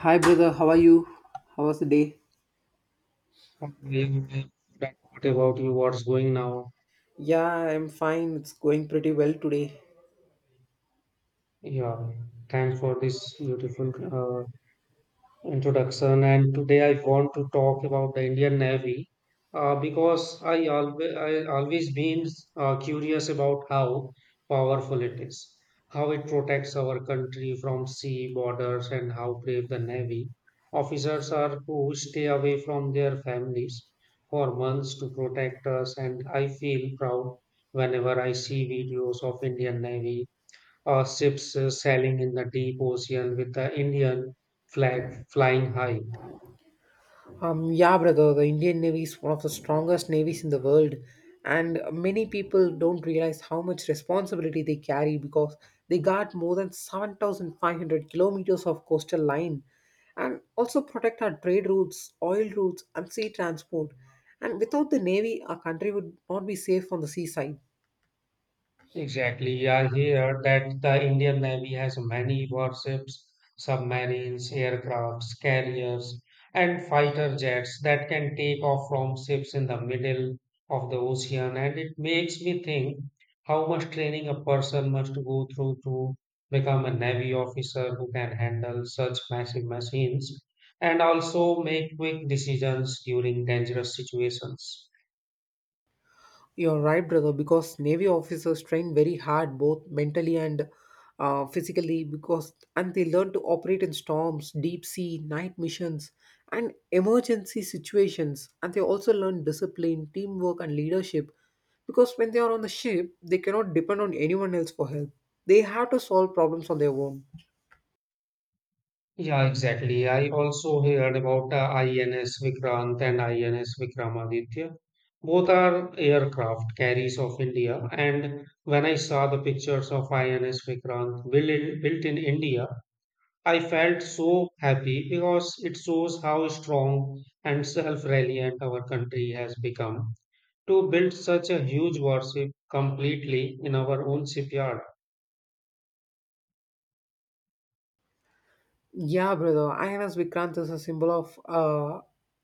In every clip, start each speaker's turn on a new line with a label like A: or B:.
A: Hi, brother. How are you? How was the day?
B: Yeah, but what about you? What's going now?
A: Yeah, I'm fine. It's going pretty well today.
B: Yeah, thanks for this beautiful introduction, and today I want to talk about the Indian Navy, because I always been curious about how powerful it is, how it protects our country from sea borders, and how brave the Navy officers are who stay away from their families for months to protect us. And I feel proud whenever I see videos of Indian Navy or ships sailing in the deep ocean with the Indian flag flying high.
A: Yeah, brother, the Indian Navy is one of the strongest navies in the world, and many people don't realize how much responsibility they carry because they guard more than 7,500 kilometers of coastal line and also protect our trade routes, oil routes, and sea transport. And without the Navy, our country would not be safe on the seaside.
B: Exactly. Yeah, I hear that the Indian Navy has many warships, submarines, aircrafts, carriers, and fighter jets that can take off from ships in the middle of the ocean. And it makes me think how much training a person must go through to become a Navy officer who can handle such massive machines and also make quick decisions during dangerous situations.
A: You're right, brother, because Navy officers train very hard, both mentally and physically, because and they learn to operate in storms, deep sea, night missions, and emergency situations. And they also learn discipline, teamwork, and leadership, because when they are on the ship, they cannot depend on anyone else for help. They have to solve problems on their own.
B: Yeah, exactly. I also heard about INS Vikrant and INS Vikramaditya. Both are aircraft carriers of India. And when I saw the pictures of INS Vikrant built in India, I felt so happy because it shows how strong and self-reliant our country has become to build such a huge warship completely in our own shipyard.
A: Yeah, brother. INS Vikrant is a symbol of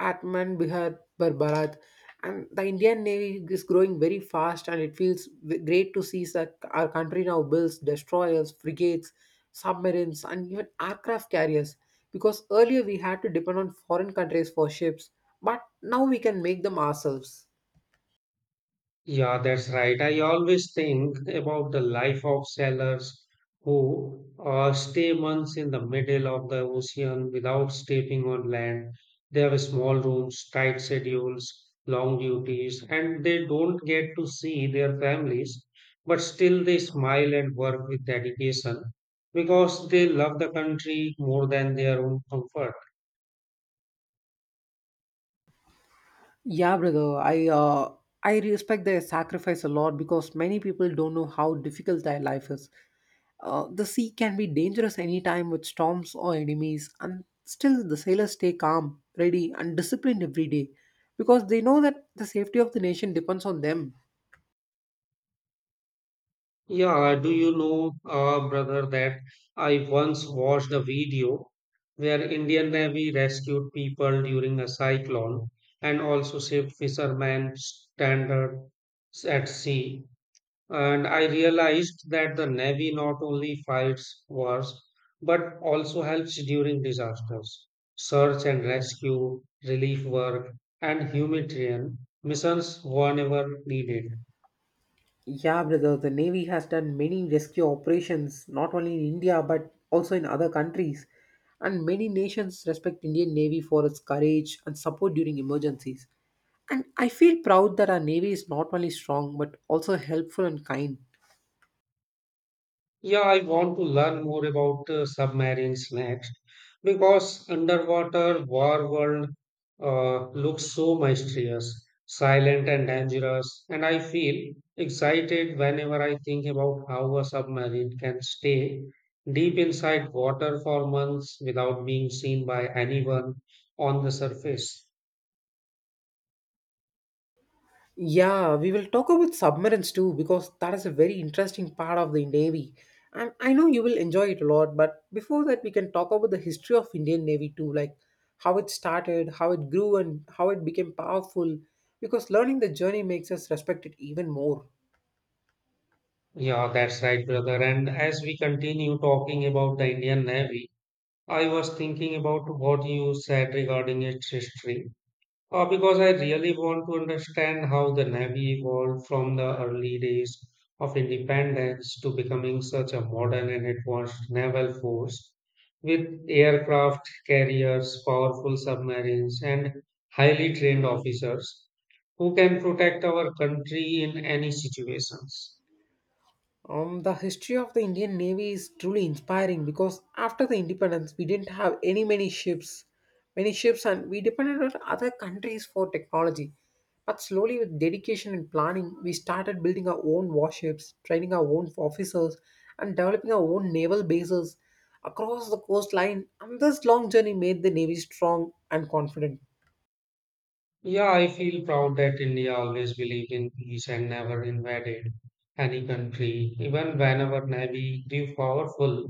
A: Atman Bihar Bharat, and the Indian Navy is growing very fast, and it feels great to see that our country now builds destroyers, frigates, submarines, and even aircraft carriers. Because earlier we had to depend on foreign countries for ships, but now we can make them ourselves.
B: Yeah, that's right. I always think about the life of sailors who stay months in the middle of the ocean without stepping on land. They have small rooms, tight schedules, long duties, and they don't get to see their families, but still they smile and work with dedication because they love the country more than their own comfort.
A: Yeah, brother. I respect their sacrifice a lot because many people don't know how difficult their life is. The sea can be dangerous anytime with storms or enemies, and still the sailors stay calm, ready, and disciplined every day because they know that the safety of the nation depends on them.
B: Yeah, do you know, brother, that I once watched a video where Indian Navy rescued people during a cyclone and also saved fishermen stranded at sea. And I realized that the Navy not only fights wars but also helps during disasters. Search and rescue, relief work, and humanitarian missions whenever needed.
A: Yeah, brother, the Navy has done many rescue operations not only in India but also in other countries. And many nations respect Indian Navy for its courage and support during emergencies. And I feel proud that our Navy is not only strong but also helpful and kind.
B: Yeah, I want to learn more about submarines next because underwater war world looks so mysterious, silent, and dangerous, and I feel excited whenever I think about how a submarine can stay deep inside water for months without being seen by anyone on the surface.
A: Yeah, we will talk about submarines too because that is a very interesting part of the Navy. And I know you will enjoy it a lot, but before that we can talk about the history of Indian Navy too, like how it started, how it grew and how it became powerful because learning the journey makes us respect it even more.
B: Yeah, that's right, brother. And as we continue talking about the Indian Navy, I was thinking about what you said regarding its history, because I really want to understand how the Navy evolved from the early days of independence to becoming such a modern and advanced naval force with aircraft carriers, powerful submarines, and highly trained officers who can protect our country in any situations.
A: The history of the Indian Navy is truly inspiring because after the independence, we didn't have many ships, and we depended on other countries for technology. But slowly, with dedication and planning, we started building our own warships, training our own officers, and developing our own naval bases across the coastline. And this long journey made the Navy strong and confident.
B: Yeah, I feel proud that India always believed in peace and never invaded any country, even whenever Navy grew powerful.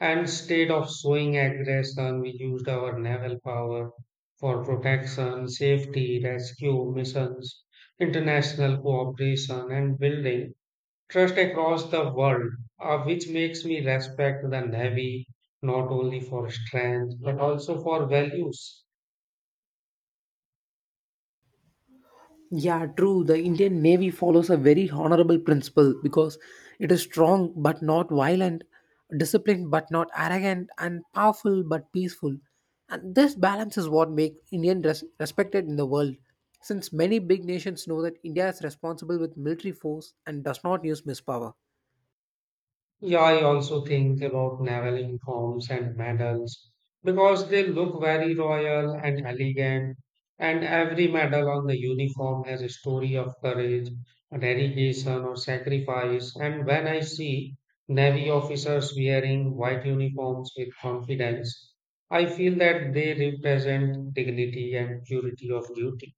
B: And instead of showing aggression, we used our naval power for protection, safety, rescue missions, international cooperation, and building trust across the world, which makes me respect the Navy not only for strength but also for values.
A: Yeah, true. The Indian Navy follows a very honorable principle because it is strong but not violent, disciplined but not arrogant, and powerful but peaceful. And this balance is what makes Indian respected in the world, since many big nations know that India is responsible with military force and does not use mispower.
B: Yeah, I also think about naval uniforms and medals because they look very royal and elegant, and every medal on the uniform has a story of courage, dedication, or sacrifice. And when I see Navy officers wearing white uniforms with confidence, I feel that they represent dignity and purity of duty.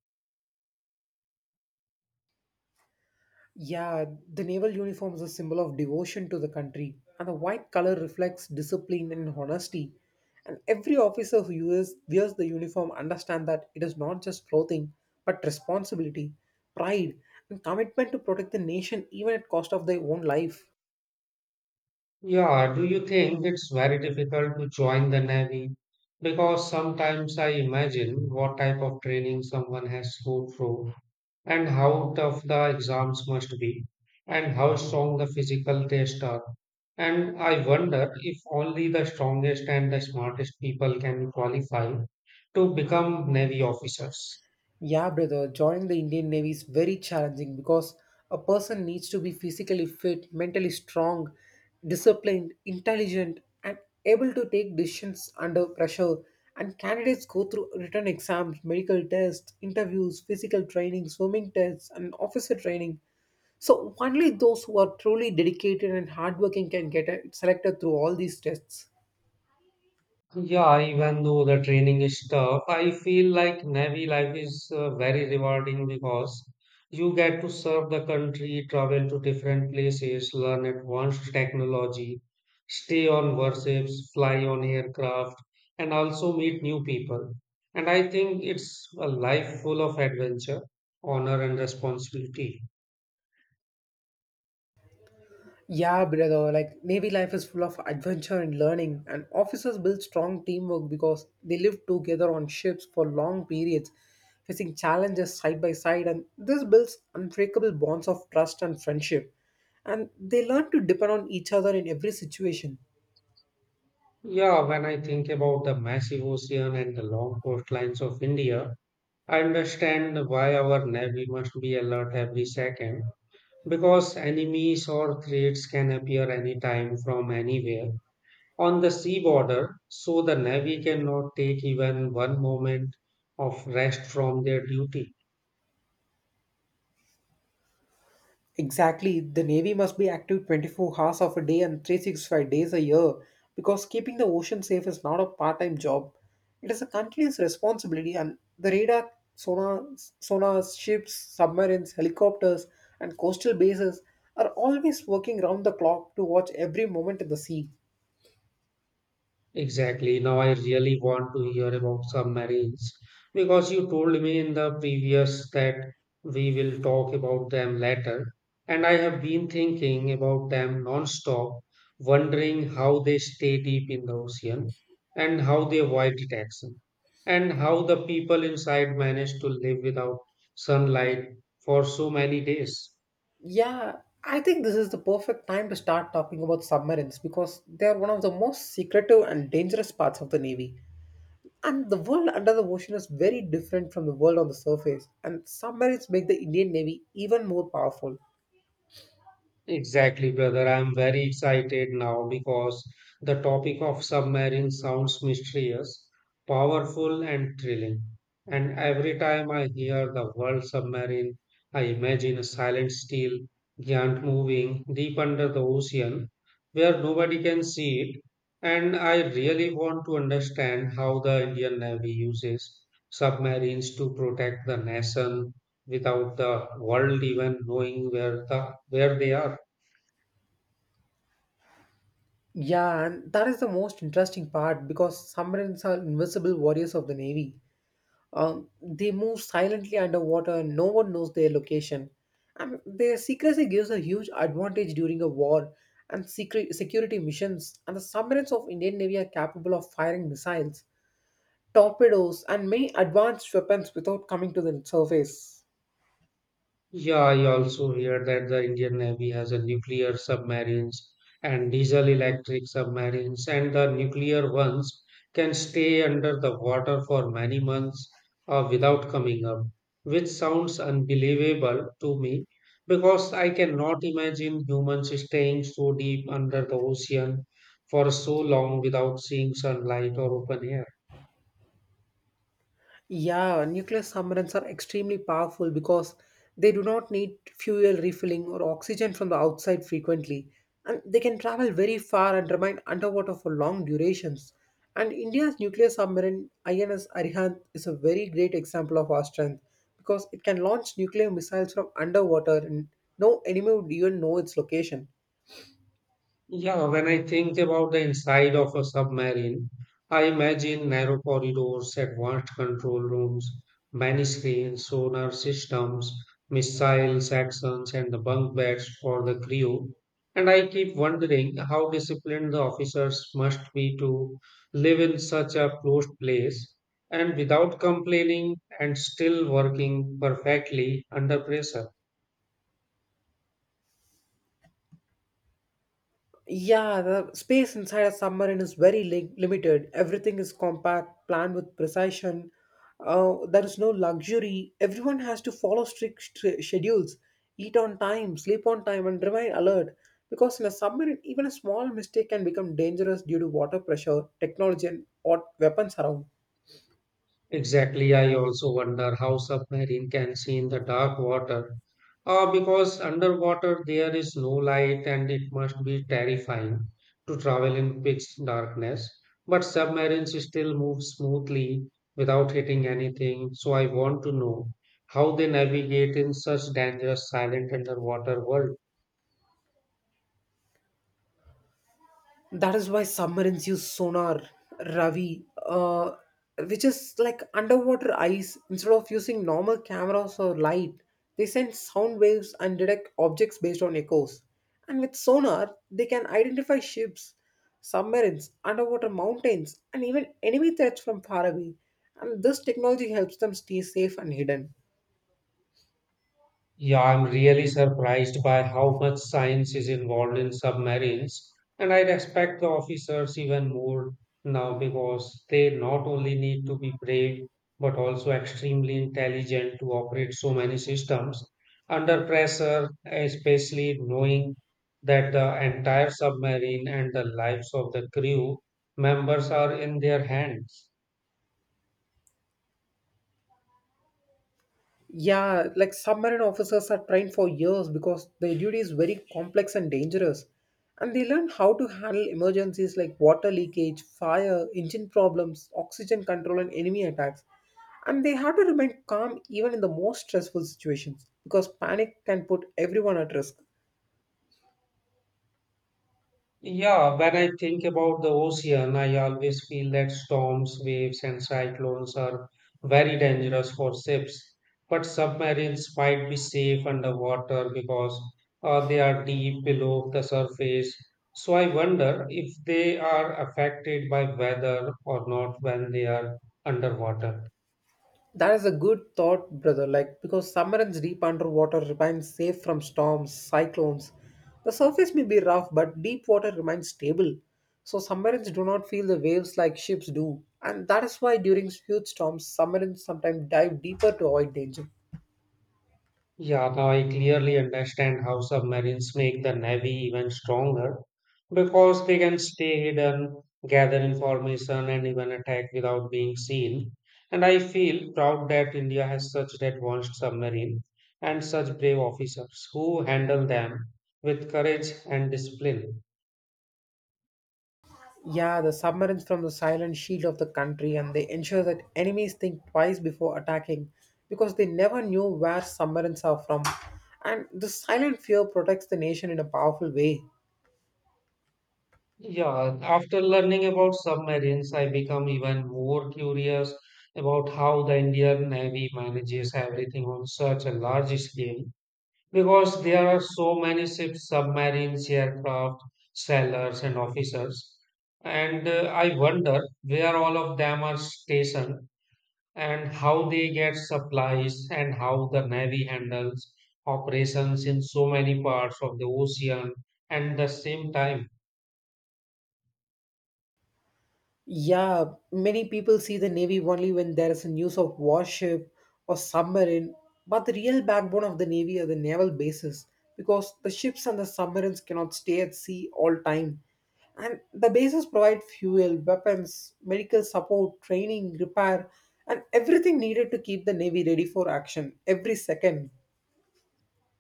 A: Yeah, the naval uniform is a symbol of devotion to the country, and the white color reflects discipline and honesty. And every officer who wears the uniform understands that it is not just clothing, but responsibility, pride, and commitment to protect the nation even at cost of their own life.
B: Yeah, do you think it's very difficult to join the Navy? Because sometimes I imagine what type of training someone has to go through, and how tough the exams must be, and how strong the physical tests are. And I wonder if only the strongest and the smartest people can qualify to become Navy officers.
A: Yeah, brother, joining the Indian Navy is very challenging because a person needs to be physically fit, mentally strong, disciplined, intelligent, and able to take decisions under pressure. And candidates go through written exams, medical tests, interviews, physical training, swimming tests, and officer training. So, only those who are truly dedicated and hardworking can get selected through all these tests.
B: Yeah, even though the training is tough, I feel like Navy life is very rewarding because you get to serve the country, travel to different places, learn advanced technology, stay on warships, fly on aircraft, and also meet new people. And I think it's a life full of adventure, honor, and responsibility.
A: Yeah, brother. Like Navy life is full of adventure and learning, and officers build strong teamwork because they live together on ships for long periods, facing challenges side by side, and this builds unbreakable bonds of trust and friendship. And they learn to depend on each other in every situation.
B: Yeah, when I think about the massive ocean and the long coastlines of India, I understand why our Navy must be alert every second because enemies or threats can appear anytime from anywhere on the sea border, so the Navy cannot take even one moment of rest from their duty.
A: Exactly. The Navy must be active 24 hours of a day and 365 days a year because keeping the ocean safe is not a part time job. It is a continuous responsibility, and the radar, sonar, sonars, ships, submarines, helicopters, and coastal bases are always working round the clock to watch every moment in the sea.
B: Exactly. Now I really want to hear about submarines because you told me in the previous that we will talk about them later. And I have been thinking about them non-stop, wondering how they stay deep in the ocean, and how they avoid detection, and how the people inside manage to live without sunlight for so many days.
A: Yeah, I think this is the perfect time to start talking about submarines because they are one of the most secretive and dangerous parts of the Navy. And the world under the ocean is very different from the world on the surface, and submarines make the Indian Navy even more powerful.
B: Exactly, brother. I'm very excited now because the topic of submarine sounds mysterious, powerful, and thrilling. And every time I hear the word submarine, I imagine a silent steel giant moving deep under the ocean where nobody can see it. And I really want to understand how the Indian Navy uses submarines to protect the nation without the world even knowing where they are.
A: Yeah, and that is the most interesting part because submarines are invisible warriors of the Navy. They move silently underwater and no one knows their location. And their secrecy gives a huge advantage during a war and secret security missions. And the submarines of Indian Navy are capable of firing missiles, torpedoes, and many advanced weapons without coming to the surface.
B: Yeah, I also hear that the Indian Navy has a nuclear submarines and diesel electric submarines, and the nuclear ones can stay under the water for many months without coming up, which sounds unbelievable to me because I cannot imagine humans staying so deep under the ocean for so long without seeing sunlight or open air.
A: Yeah, nuclear submarines are extremely powerful because they do not need fuel refilling or oxygen from the outside frequently, and they can travel very far and remain underwater for long durations. And India's nuclear submarine INS Arihant is a very great example of our strength because it can launch nuclear missiles from underwater and no enemy would even know its location.
B: Yeah, when I think about the inside of a submarine, I imagine narrow corridors, advanced control rooms, many screens, sonar systems, missile sections, and the bunk beds for the crew. And I keep wondering how disciplined the officers must be to live in such a closed place, and without complaining and still working perfectly under pressure.
A: Yeah, the space inside a submarine is very limited. Everything is compact, planned with precision. There is no luxury. Everyone has to follow strict schedules, eat on time, sleep on time, and remain alert. Because in a submarine, even a small mistake can become dangerous due to water pressure, technology, and what weapons around.
B: Exactly, I also wonder how submarine can see in the dark water. Because underwater there is no light, and it must be terrifying to travel in pitch darkness. But submarines still move smoothly without hitting anything, so I want to know how they navigate in such dangerous silent underwater world.
A: That is why submarines use sonar, Ravi, which is like underwater eyes. Instead of using normal cameras or light, they send sound waves and detect objects based on echoes. And with sonar, they can identify ships, submarines, underwater mountains, and even enemy threats from far away. And this technology helps them stay safe and hidden.
B: Yeah, I'm really surprised by how much science is involved in submarines, and I respect the officers even more now because they not only need to be brave but also extremely intelligent to operate so many systems under pressure, especially knowing that the entire submarine and the lives of the crew members are in their hands.
A: Yeah, like submarine officers are trained for years because their duty is very complex and dangerous. And they learn how to handle emergencies like water leakage, fire, engine problems, oxygen control, and enemy attacks. And they have to remain calm even in the most stressful situations because panic can put everyone at risk.
B: Yeah, when I think about the ocean, I always feel that storms, waves, and cyclones are very dangerous for ships. But submarines might be safe underwater because they are deep below the surface. So I wonder if they are affected by weather or not when they are underwater.
A: That is a good thought, brother. Like because submarines deep underwater remain safe from storms, cyclones. The surface may be rough, but deep water remains stable. So submarines do not feel the waves like ships do. And that is why during huge storms, submarines sometimes dive deeper to avoid danger.
B: Yeah, now I clearly understand how submarines make the Navy even stronger because they can stay hidden, gather information, and even attack without being seen. And I feel proud that India has such an advanced submarine and such brave officers who handle them with courage and discipline.
A: Yeah, the submarines from the silent shield of the country and they ensure that enemies think twice before attacking because they never knew where submarines are from. And this silent fear protects the nation in a powerful way.
B: Yeah, after learning about submarines, I become even more curious about how the Indian Navy manages everything on such a large scale because there are so many ships, submarines, aircraft, sailors, and officers. And I wonder where all of them are stationed, and how they get supplies, and how the Navy handles operations in so many parts of the ocean. And the same time,
A: Yeah, many people see the Navy only when there is news of warship or submarine, but the real backbone of the Navy are the naval bases because the ships and the submarines cannot stay at sea all time. And the bases provide fuel, weapons, medical support, training, repair, and everything needed to keep the Navy ready for action every second.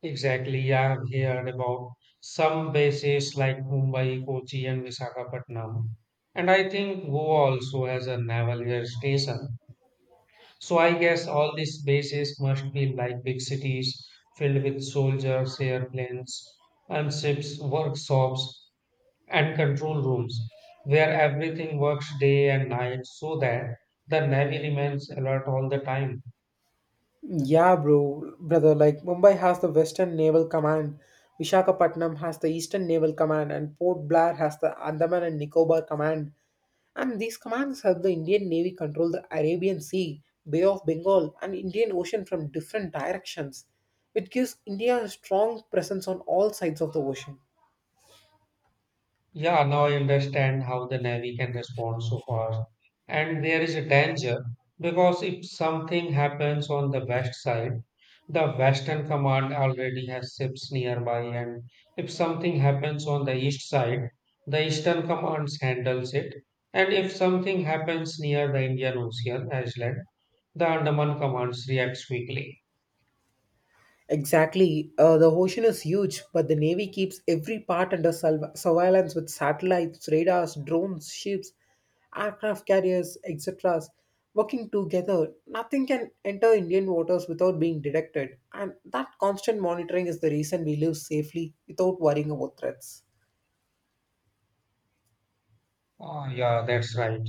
B: exactly, I have heard about some bases like Mumbai, Kochi, and Visakhapatnam. And I think Goa also has a naval air station. So I guess all these bases must be like big cities filled with soldiers, airplanes, and ships, workshops, and control rooms where everything works day and night so that the Navy remains alert all the time.
A: Yeah, brother. Like Mumbai has the Western Naval Command, Vishakhapatnam has the Eastern Naval Command, and Port Blair has the Andaman and Nicobar Command. And these commands help the Indian Navy control the Arabian Sea, Bay of Bengal, and Indian Ocean from different directions. It gives India a strong presence on all sides of the ocean.
B: Yeah, now I understand how the Navy can respond so fast. And there is a danger because if something happens on the west side, the Western Command already has ships nearby, and if something happens on the east side, the Eastern Command handles it. And if something happens near the Indian Ocean island, the Andaman Command reacts quickly.
A: Exactly. The ocean is huge, but the Navy keeps every part under surveillance with satellites, radars, drones, ships, aircraft carriers, etc. Working together, nothing can enter Indian waters without being detected, and that constant monitoring is the reason we live safely without worrying about threats.
B: Ah, yeah, that's right.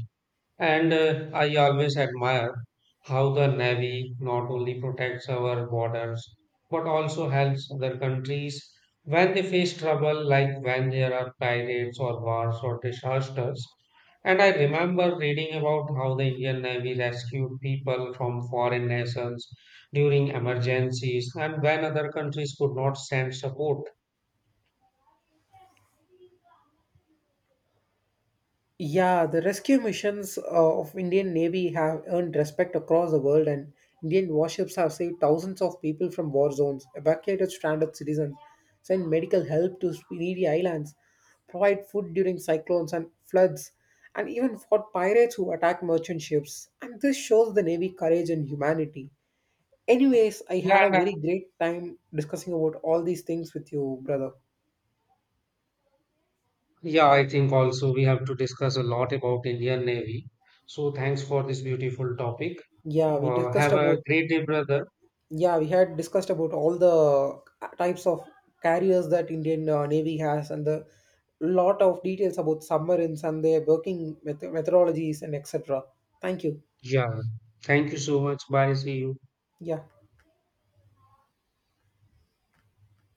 B: And I always admire how the Navy not only protects our borders but also helps other countries when they face trouble, like when there are pirates or wars or disasters. And I remember reading about how the Indian Navy rescued people from foreign nations during emergencies and when other countries could not send support.
A: Yeah, the rescue missions of Indian Navy have earned respect across the world, and Indian warships have saved thousands of people from war zones, evacuated stranded citizens, sent medical help to needy islands, provide food during cyclones and floods, and even fought pirates who attack merchant ships. And this shows the Navy courage and humanity. Anyways, I had a
B: Yeah,
A: very great time discussing about all these things with you, brother.
B: yeah, I think also we have to discuss a lot about Indian Navy. So thanks for this beautiful topic.
A: Yeah, we discussed
B: Have a
A: about.
B: great day, brother.
A: Yeah, we had discussed about all the types of carriers that Indian Navy has and the lot of details about submarines and their working methodologies and etc. Thank you.
B: Yeah. Thank you so much. Bye. See you.
A: Yeah.